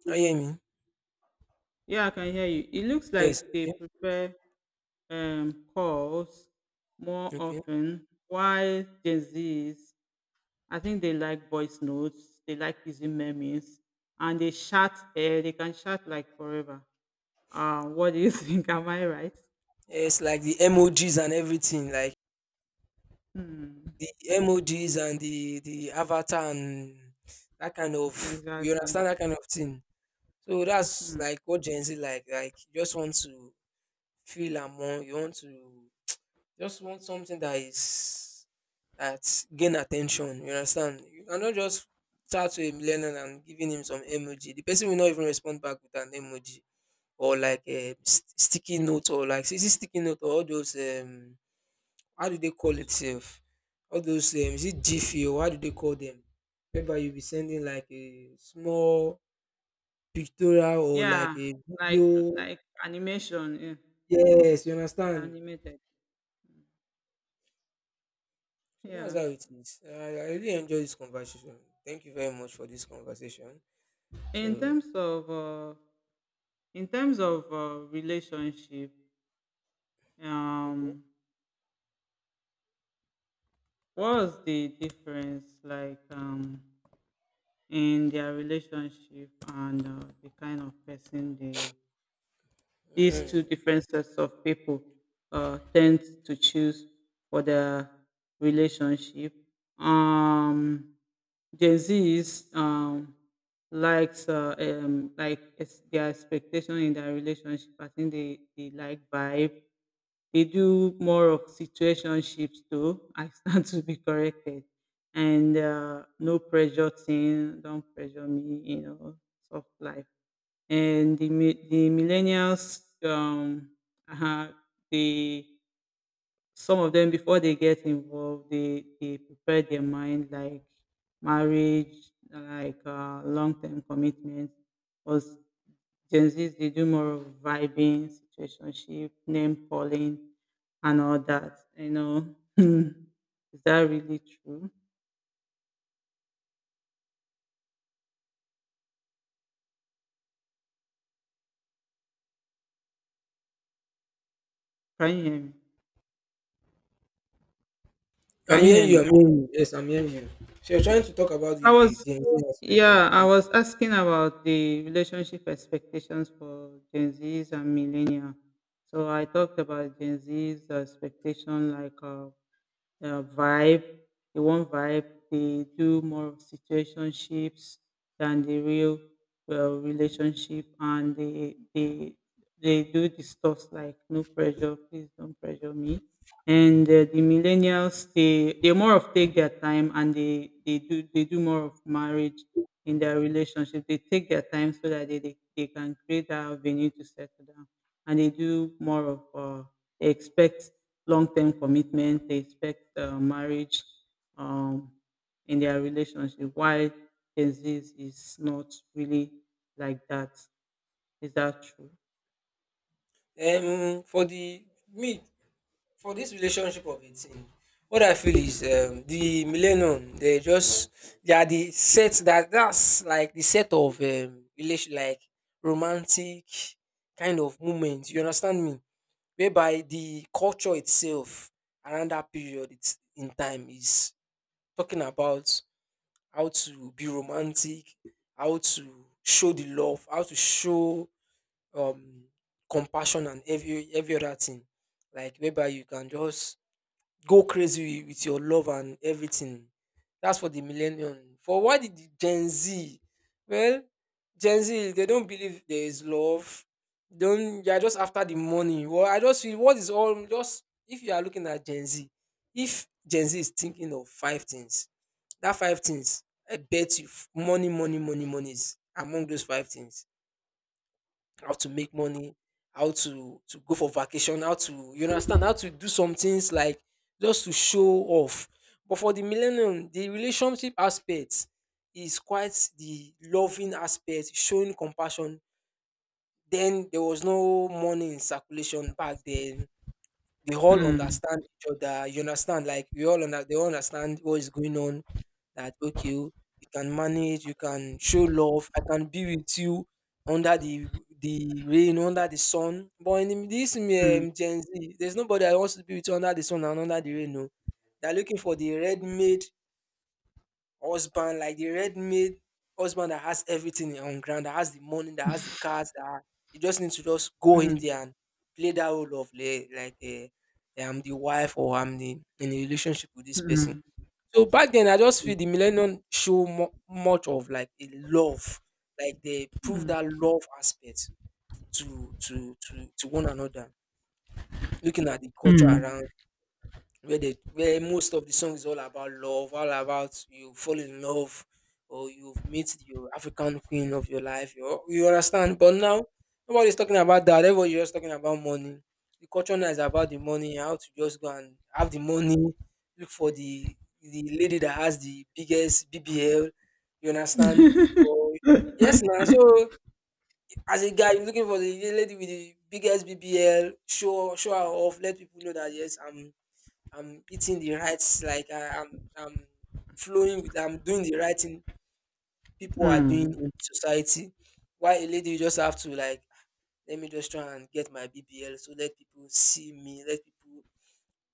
B: I hear me?
A: Yeah, I can hear you. It looks
B: Yes,
A: like they
B: okay,
A: prefer um calls more
B: okay.
A: often, while Gen Z's, I think they like voice notes, they like using memes, and they chat, uh, they can chat like forever. Uh, what do you [laughs] think? Am I right?
B: Yes, like the emojis and everything. Like the emojis and the the avatar and that kind of, you
A: Exactly.
B: understand, that kind of thing. So that's like what Gen Z like. Like you just want to feel among, you want to just want something that is that gain attention. You understand? You cannot just chat to a millennial and giving him some emoji. The person will not even respond back with an emoji or like a st- sticky note, or like, is it sticky note or all those um how do they call it self? All those um, is it G F E or how do they call them? Whereby you'll be sending like a small pictorial or like
A: Yeah,
B: a
A: like
B: video.
A: like animation. Yeah,
B: Yes, you
A: it's
B: understand.
A: animated.
B: So that's
A: Yeah.
B: how it is. I, I really enjoy this conversation. Thank you very much for this conversation.
A: In
B: So
A: terms of uh, in terms of uh, relationship,
B: okay.
A: um, what was the difference like um in their relationship, and uh, the kind of person they, these two
B: Mm.
A: different sets of people uh, tend to choose for their relationship. Um, Gen Z is um, likes uh, um, like ex- their expectation in their relationship. I think they, they like vibe. They do more of situationships too. I stand [laughs] to be corrected. And uh, No pressure thing, don't pressure me, you know, soft life and the mi the millennials, um, uh-huh, they, some of them before they get involved, they they prepare their mind like marriage, like uh, long-term commitment. Because Gen Zs, they do more of vibing, situationship, name calling, and all that. You know, [laughs] is that really true? Can you hear me?
B: I'm
A: Can you hear
B: hearing you.
A: me?
B: I'm hearing you. Yes, I'm hearing you. So you're trying to talk about
A: So I
B: the
A: was,
B: Gen Z aspect of
A: yeah, I
B: the,
A: was asking about the relationship expectations for Gen Zs and millennial. So I talked about Gen Zs expectation, like uh, uh, vibe. They want vibe. They do more of situationships than the real uh, relationship, and they they they do discuss like no pressure, please don't pressure me. And uh, The millennials, they they more of take their time, and they they do they do more of marriage in their relationship. They take their time so that they they, they can create that avenue to settle down, and they do more of uh, they expect long-term commitment. They expect uh, marriage um, in their relationship. Why Gen Z is not really like that? Is that true?
B: um for the me, for this relationship of eighteen, what I feel is, um, the millennium, they just, they are the set that, that's like the set of um, relation, like romantic kind of moments, you understand me, whereby the culture itself around that period, it's in time, is talking about how to be romantic, how to show the love, how to show um compassion and every every other thing, like whereby you can just go crazy with your love and everything. That's for the millennium. For why did the Gen Z? Well, Gen Z they don't believe there is love. Don't, they are just after the money. Well, I just feel what is all just, if you are looking at Gen Z, if Gen Z is thinking of five things, that five things, I bet you, f- money, money, money, money is among those five things. How to make money, how to to go for vacation, how to, you understand, how to do some things, like just to show off. But for the millennium, the relationship aspect is quite the loving aspect, showing compassion. Then there was no money in circulation back then. We all understand each other. You understand? Like we all under, they all understand what is going on. That okay, you can manage, you can show love. I can be with you under the the rain, under the sun. But in this um,
A: Mm,
B: um, Gen Z, there's nobody that wants to be with you under the sun and under the rain. No, they're looking for the red made husband, like the red-made husband that has everything on ground, that has the money, that has the cars, that you just need to just go in there and play that role of like, like eh, eh, I'm the wife, or I'm the, in a relationship with this person. So back then, I just feel the millennium show mo- much of like a love, like they prove that love aspect to to to to one another. Looking at the culture around, where they, where most of the song is all about love, all about you fall in love, or you've met your African queen of your life. You, you understand? But now nobody's talking about that. Everybody's just talking about money. The culture now is about the money, how to just go and have the money, look for the the lady that has the biggest B B L. You understand? Or yes now. So as a guy, you're looking for the lady with the biggest B B L, show show her off, let people know that, yes, I'm I'm eating the right, like I, I'm, I'm flowing with, I'm doing the right thing people are doing
A: mm,
B: in society. While a lady, you just have to like, "Ah, let me just try and get my B B L, so let people see me, let people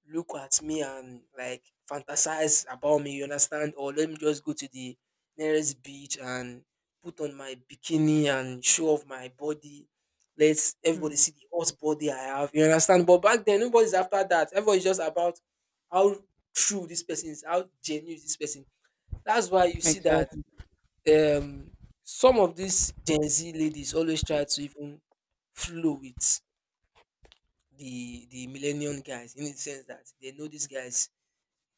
B: look at me and like fantasize about me, you understand? Or let me just go to the nearest beach and put on my bikini and show off my body. Let everybody
A: mm,
B: see the hot body I have. You understand? But back then nobody's after that. Everybody's just about how true this person is, how genuine is this person. That's why you see that
A: exactly.
B: um some of these Gen Z ladies always try to even flow with the the millennium guys in the sense that they know these guys,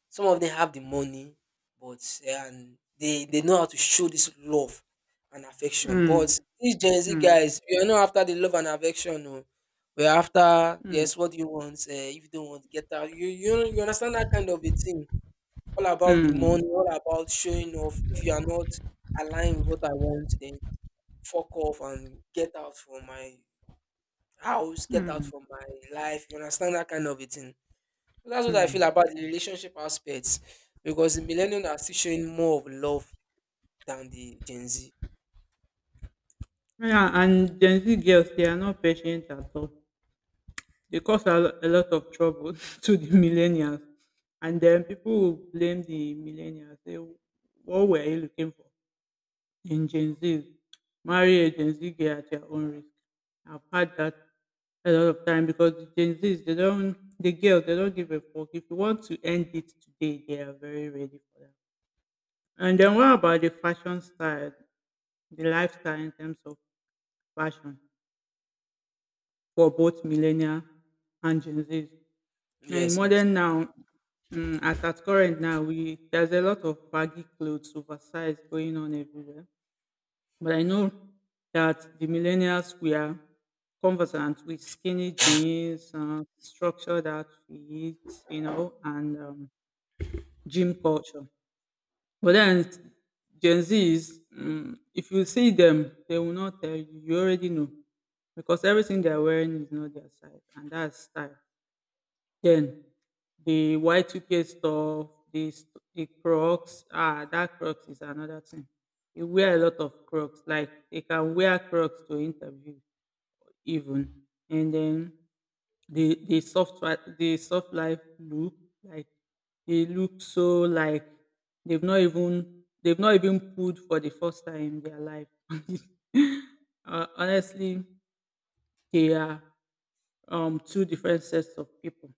B: some of them have the money, but eh, and they they know how to show this love and affection. But
A: Mm,
B: these Gen Z
A: mm,
B: guys, we are not after the love and affection. No, we're after,
A: mm,
B: yes, what do you want? Uh, if you don't want, get out. You you you understand that kind of a thing. All about the money,
A: mm.
B: all about showing off. If you are not aligned with what I want, then fuck off and get out from my house, get out from my life. You understand that kind of a thing. So, that's what I feel about the relationship aspects because the millennials are still showing more of love than the Gen Z.
A: Yeah, and Gen Z girls, they are not patient at all. They cause a, lo- a lot of trouble [laughs] to the millennials. And then people will blame the millennials. Say, what were you looking for in Gen Zs? Marry a Gen Z girl at your own risk. I've had that a lot of time because the Gen Zs they don't the girls they don't give a fuck. If you want to end it today, they are very ready for that. And then what about the fashion style, the lifestyle in terms of fashion for both millennial and Gen Zs? And
B: Yes, yes.
A: modern now, mm, as at current now, we there's a lot of baggy clothes, oversized going on everywhere. But I know that the millennials were conversant with skinny jeans, uh, structured outfits, you know, and um, gym culture. But then Gen Zs, mm, if you see them, they will not tell you. You already know because everything they're wearing is not their size, and that's style. Then the Y two K stuff, the s- the Crocs. Ah, that Crocs is another thing. They wear a lot of Crocs. Like they can wear Crocs to interview even, and then the the soft wi- the soft life look like they look so like they've not even they've not even pulled for the first time in their life. [laughs] Uh, honestly, they are um, two different sets of people.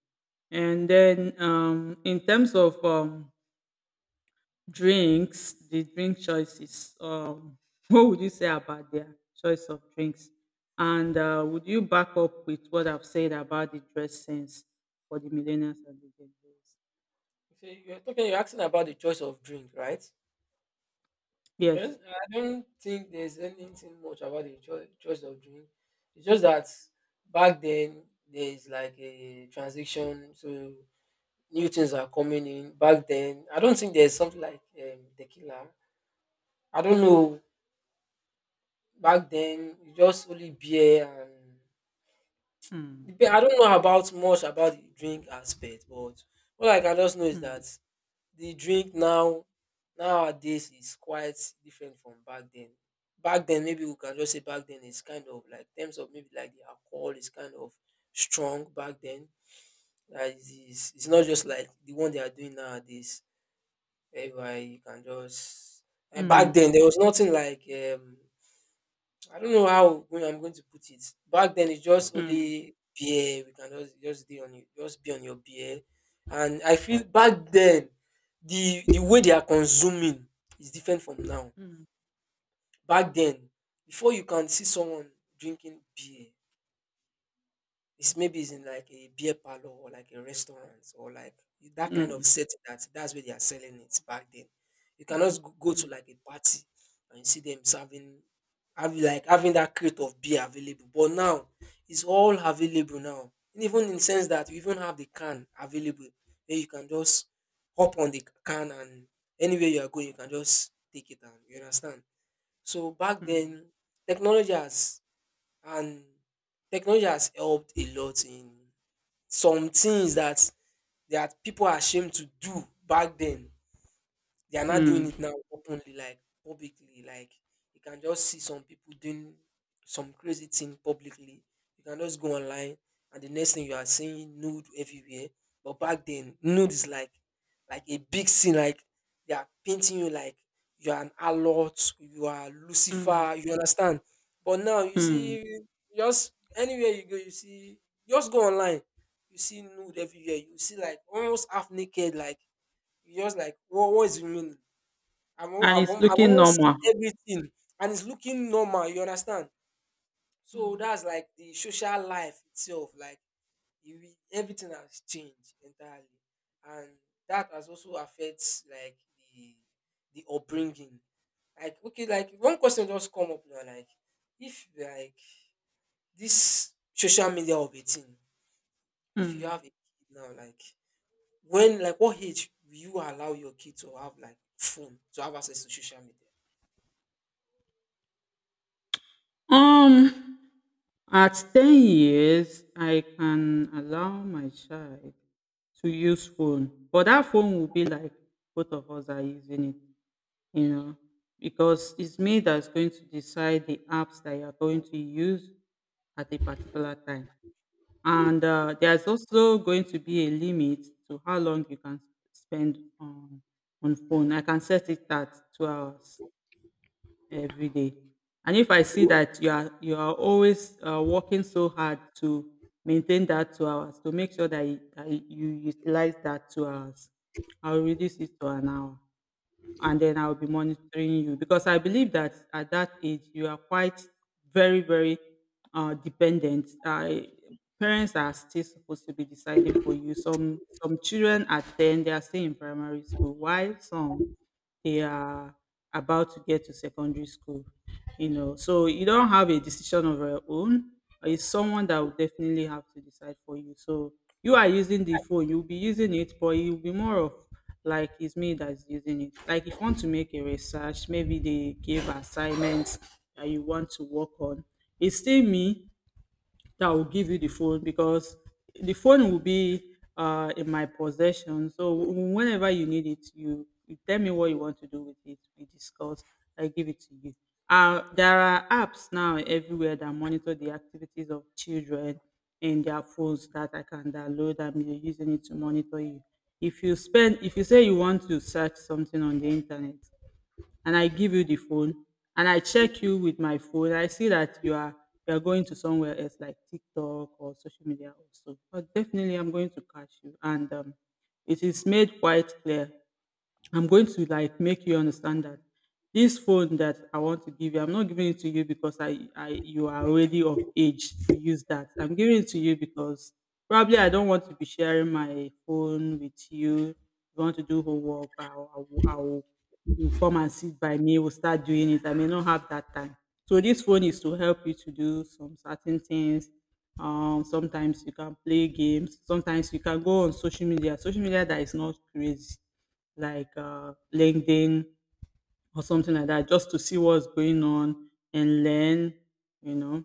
A: And then um, in terms of um, drinks, the drink choices, um, [laughs] what would you say about their choice of drinks? And uh, would you back up with what I've said about the dress sense for the millennials and the Gen Zs?
B: So you're talking, you're asking about the choice of drink, right? Well,
A: Yes.
B: I don't think there's anything much about the cho- choice of drink. It's just that back then there's like a transition, so new things are coming in. Back then, I don't think there's something like um, tequila. I don't know. Back then, it's just only beer.
A: Mm,
B: Dep- I don't know about much about the drink aspect, but what I can just know is
A: mm,
B: that the drink now nowadays is quite different from back then. Back then, maybe we can just say back then is kind of like in terms of maybe like the alcohol is kind of strong back then. Like it's, it's not just like the one they are doing nowadays. Whereby you can just and back
A: mm,
B: then there was nothing like um I don't know how go- I'm going to put it. Back then, it's just only beer. We can just just be on you, just be on your beer. And I feel back then, the the way they are consuming is different from now. Back then, before you can see someone drinking beer, it's maybe it's in like a beer parlor or like a restaurant or like
A: Mm,
B: that kind of
A: mm,
B: setting that that's where they are selling it back then. You cannot
A: mm,
B: go go to like a party and you see them serving having like having that crate of beer available. But now it's all available now. Even in sense that you even have the can available where you can just hop on the can and anywhere you are going you can just take it and you understand. So back
A: mm, mm,
B: then technology has and technology has helped a lot in some things that that people are ashamed to do back then. They are not doing it
A: mm,
B: now openly, like publicly. Like you can just see some people doing some crazy thing publicly. You can just go online, and the next thing you are seeing nude everywhere. But back then, nude is like like a big scene. Like they are painting you like you are an alert, you are
A: mm,
B: Lucifer.
A: mm,
B: You understand? But now you
A: mm.
B: see just anywhere you go, you see just go online. You see nude everywhere. You see like almost half naked, like you just like what what is the meaning? I've, al-
A: And
B: I've,
A: it's
B: al- I've
A: looking
B: almost seen
A: normal.
B: everything and it's looking normal, you understand? So
A: mm,
B: that's like the social life itself, like you, re- everything has changed entirely. And that has also affects like the, the upbringing. Like, okay, like one question just come up now, like if like this social media of a thing, if you have
A: mm.
B: a kid now, like when like what age will you allow your kid to have like phone to have access to social media?
A: Um. At ten years, I can allow my child to use phone, but that phone will be like both of us are using it, you know, because it's me that's going to decide the apps that you're going to use at a particular time. And uh, There's also going to be a limit to how long you can spend on on phone. I can set it at two hours every day. And if I see that you are you are always uh, working so hard to maintain that two hours, to make sure that you, that you utilize that two hours, I'll reduce it to an hour, and then I'll be monitoring you because I believe that at that age you are quite very very uh, dependent. I, parents are still supposed to be deciding for you. Some some children at ten they are still in primary school, while some they are about to get to secondary school. You know, so you don't have a decision of your own. It's someone that will definitely have to decide for you. So you are using the phone, you'll be using it, but you'll be more of like it's me that's using it. Like if you want to make a research, maybe they give assignments that you want to work on. It's still me that will give you the phone because the phone will be uh, in my possession. So w- whenever you need it, you, you tell me what you want to do with it. We discuss. I give it to you. Uh, there are apps now everywhere that monitor the activities of children in their phones that I can download and be using it to monitor you. If you spend, if you say you want to search something on the internet, and I give you the phone, and I check you with my phone. I see that you are you are going to somewhere else like TikTok or social media also. But definitely I'm going to catch you, and um, it is made quite clear. I'm going to like make you understand that. This phone that I want to give you, I'm not giving it to you because I, I you are already of age to use that. I'm giving it to you because probably I don't want to be sharing my phone with you. If you want to do homework, I'll, I'll, I'll, you come and sit by me, we'll start doing it. I may not have that time. So this phone is to help you to do some certain things. Um, sometimes you can play games. Sometimes you can go on social media. Social media that is not crazy, like uh, LinkedIn or something like that, just to see what's going on and learn, you know.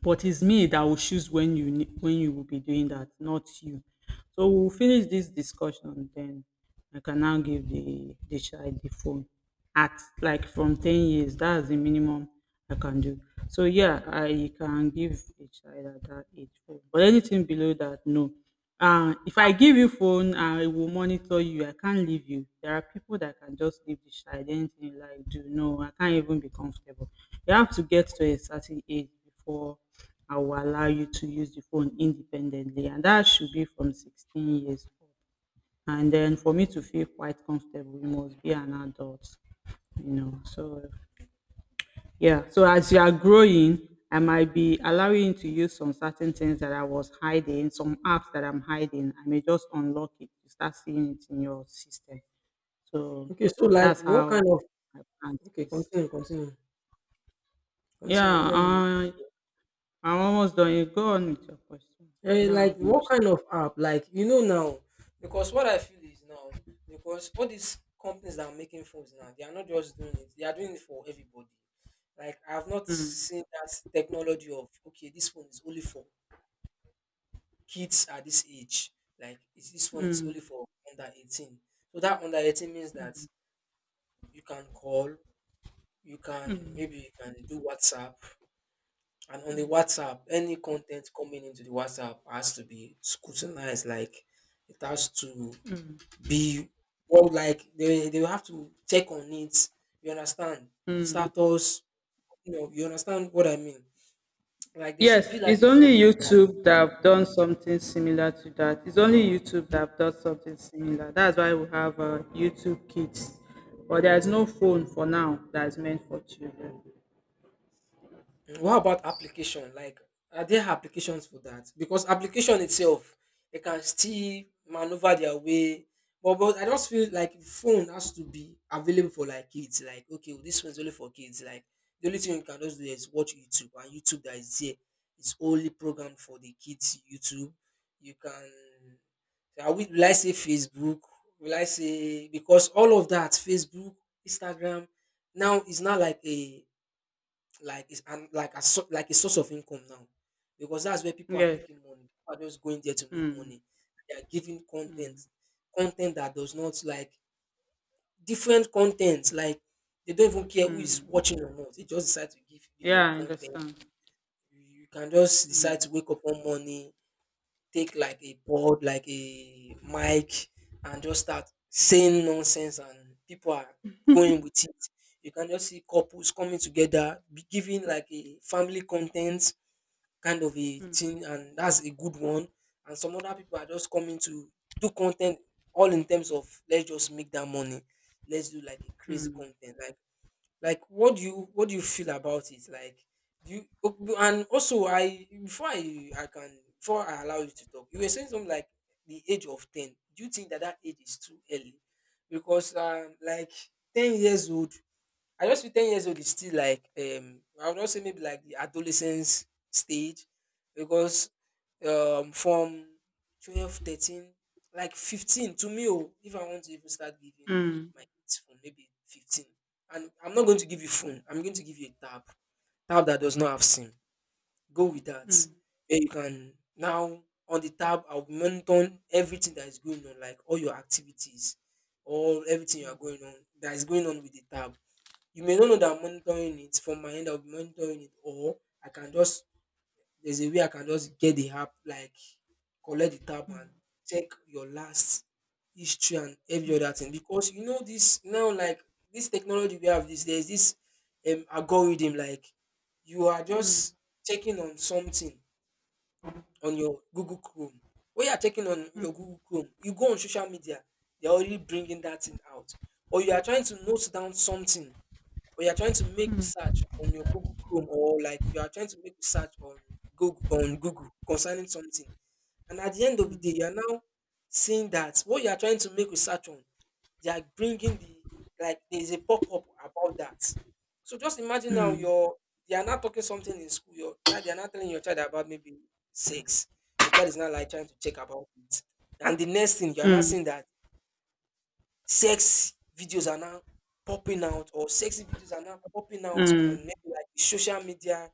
A: But it's me that will choose when you ne- when you will be doing that, not you. So we'll finish this discussion, then I can now give the the child the phone at like from ten years. That's the minimum I can do. So yeah, I can give a child at that age phone, but anything below that, no. Uh, if I give you phone, I will monitor you. I can't leave you. There are people that can just leave the child. Anything you like, do, no. I can't even be comfortable. You have to get to a certain age before I will allow you to use the phone independently, and that should be from sixteen years old. And then for me to feel quite comfortable, you must be an adult. You know, so yeah. So as you are growing, I might be allowing you to use some certain things that I was hiding, some apps that I'm hiding. I may just unlock it. You start seeing it in your system. So
B: Okay, so like
A: that's
B: what kind
A: how
B: of
A: my plan
B: okay,
A: is.
B: continue, continue, continue.
A: Yeah,
B: Let me
A: I I'm almost done. You go on with your question. I
B: eh,
A: don't
B: like
A: have
B: what
A: much to say.
B: kind of app? Like you know now, because what I feel is now because all these companies that are making phones now, they are not just doing it; they are doing it for everybody. Like I've not
A: Hmm.
B: seen that technology of okay, this phone is only for kids at this age. Like is this phone is only for under eighteen. So that under eighteen means that you can call, you can maybe you can do WhatsApp, and on the WhatsApp, any content coming into the WhatsApp has to be scrutinized. Like it has to be well, like they they will have to check on it. You understand? Status, you know, you understand what I mean. Like there
A: Yes,
B: should be like
A: it's
B: a phone
A: only
B: for that.
A: YouTube that have done something similar to that. It's only YouTube that have done something similar. That's why we have uh, YouTube Kids, but there is no phone for now that is meant for children.
B: What about application? Like, are there applications for that? Because application itself, they can still maneuver their way. But, but I just feel like phone has to be available for like kids. Like, okay, well, this one's only for kids. Like, the only thing you can just do is watch YouTube, and YouTube that is there is only programmed for the kids. YouTube, you can. I will, will I say Facebook? Will I say because all of that, Facebook, Instagram, now it's not like a like it's and like a so, like a source of income now because that's where people are
A: Yes.
B: making money people are just going there to make
A: Hmm.
B: money they are giving content content that does not like different content like they don't even care who is watching or not they just decide to give different
A: Yeah, I
B: content
A: understand.
B: you you can just decide to wake up one morning take like a board, like a mic, and just start saying nonsense, and people are going with it. You can just see couples coming together, be giving like a family content kind of a thing, and that's a good one. And some other people are just coming to do content all in terms of let's just make that money. Let's do like a crazy content. Like like what do you what do you feel about it like do you ok- and also I before I I can before I allow you to talk you were saying something like the age of ten, do you think that that age is too early because um like ten years old. I just feel ten years old is still like um I would not say maybe like the adolescence stage because um from twelve, thirteen, like fifteen to me. Oh, if I want to even start giving my kids phone maybe fifteen, and I'm not going to give you phone, I'm going to give you a tab, tab that does not have sim, go with that, where you can now on the tab I'll be monitoring everything that is going on like all your activities all everything you are going on that is going on with the tab. You may not know that I'm monitoring it from my end. I'll be monitoring it, or I can just there's a way I can just get the app, like collect the tab and check your last history and every other thing. Because you know this now, like this technology we have, this there's this um algorithm like you are just checking on something on your Google Chrome. When you are checking on your Google Chrome, you go on social media, they're already bringing that thing out. Or you are trying to note down something or you're trying to make research on your Google Chrome or like you are trying to make research on Google on Google concerning something. And at the end of the day, you are now seeing that what you are trying to make research on, they are bringing the like there's a pop up about that. So just imagine now you're they are not talking something in school. Your child they are not telling your child about maybe sex. Your child is not like trying to check about it. And the next thing you are not seeing that sex videos are now popping out or sexy videos are now popping out on maybe like social media.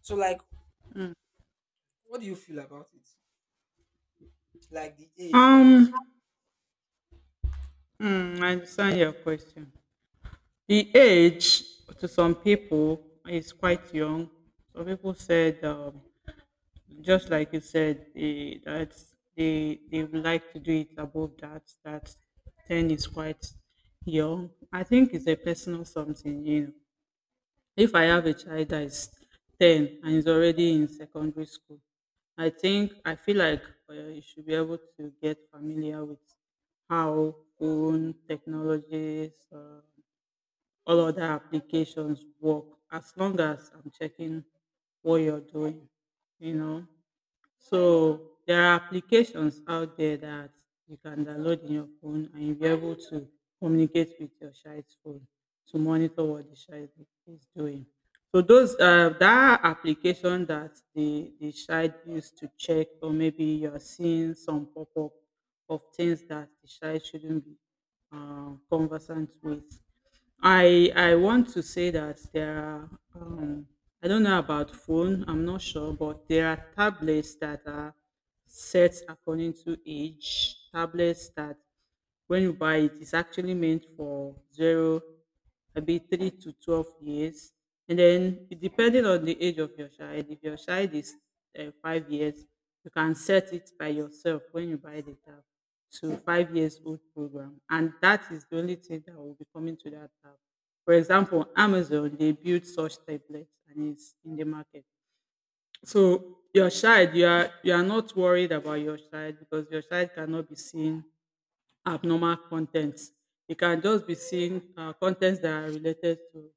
B: So like what do you feel about it? Like the age, like
A: Um. hmm, I understand your question. The age to some people is quite young. Some people said um, just like you said, they, that they they would like to do it above that. That ten is quite young. I think it's a personal something. You know, if I have a child that is ten and is already in secondary school, I think I feel like uh, you should be able to get familiar with how phone technologies, uh, all other applications work. As long as I'm checking what you're doing, you know. So there are applications out there that you can download in your phone, and you'll be able to communicate with your child's phone to monitor what the child is doing. So those uh, that application that the, the child used to check, or maybe you're seeing some pop-up of things that the child shouldn't be uh, conversant with. I I want to say that there are um, I don't know about phone, I'm not sure, but there are tablets that are set according to age. Tablets that when you buy it, it's actually meant for zero, maybe three to twelve years, and then depending on the age of your child, if your child is uh, five years, you can set it by yourself when you buy the tab to five years old program, and that is the only thing that will be coming to that tab. For example, Amazon, they build such tablets, and it's in the market. So your child, you are you are not worried about your child because your child cannot be seen abnormal contents. It can just be seeing uh, contents that are related to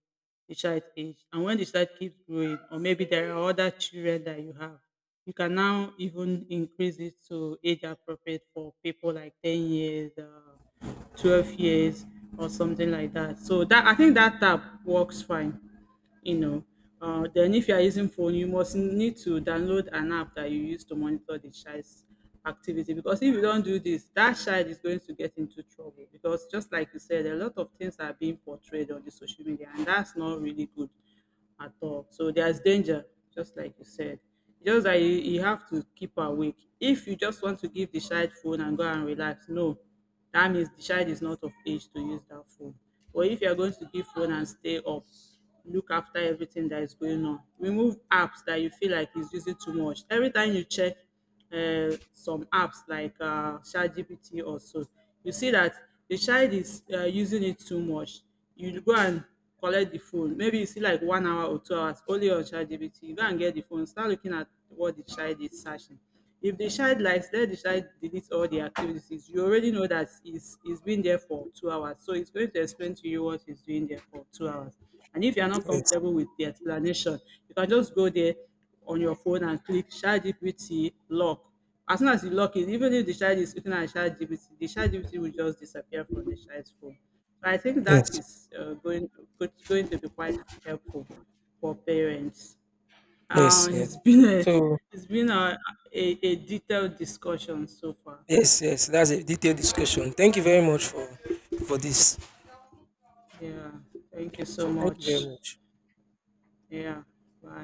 A: the child age. And when the child keeps growing, or maybe there are other children that you have, you can now even increase it to age appropriate for people like ten years, uh, twelve years, or something like that. So that, I think that tab works fine, you know. Uh, then if you are using phone, you must need to download an app that you use to monitor the child's activity, because if you don't do this, that child is going to get into trouble because just like you said, a lot of things are being portrayed on the social media, and that's not really good at all. So there's danger, just like you said. Just that you, you have to keep awake. If you just want to give the child phone and go and relax, no, that means the child is not of age to use that phone. But if you are going to give phone and stay up, look after everything that is going on. Remove apps that you feel like is using too much. Every time you check uh, some apps like uh, ChatGPT or so, you see that the child is uh, using it too much. You go and collect the phone. Maybe you see like one hour or two hours only on ChatGPT. You go and get the phone. Start looking at what the child is searching. If the child likes, let the child delete all the activities. You already know that he's, he's been there for two hours. So it's going to explain to you what he's doing there for two hours. And if you're not
B: yes,
A: comfortable with the explanation, you can just go there on your phone and click ChatGPT lock. As soon as you lock it, even if the child is looking at ChatGPT, the ChatGPT will just disappear from the child's phone. So I think that
B: yes,
A: is uh, going go- going to be quite helpful for parents.
B: yes,
A: Um,
B: yes.
A: it's been a
B: So
A: it's been a, a, a detailed discussion so far.
B: yes, yes, that's a detailed discussion. Thank you very much for for this.
A: Yeah, thank you so
B: So thank you very
A: much.
B: much.
A: Yeah, bye.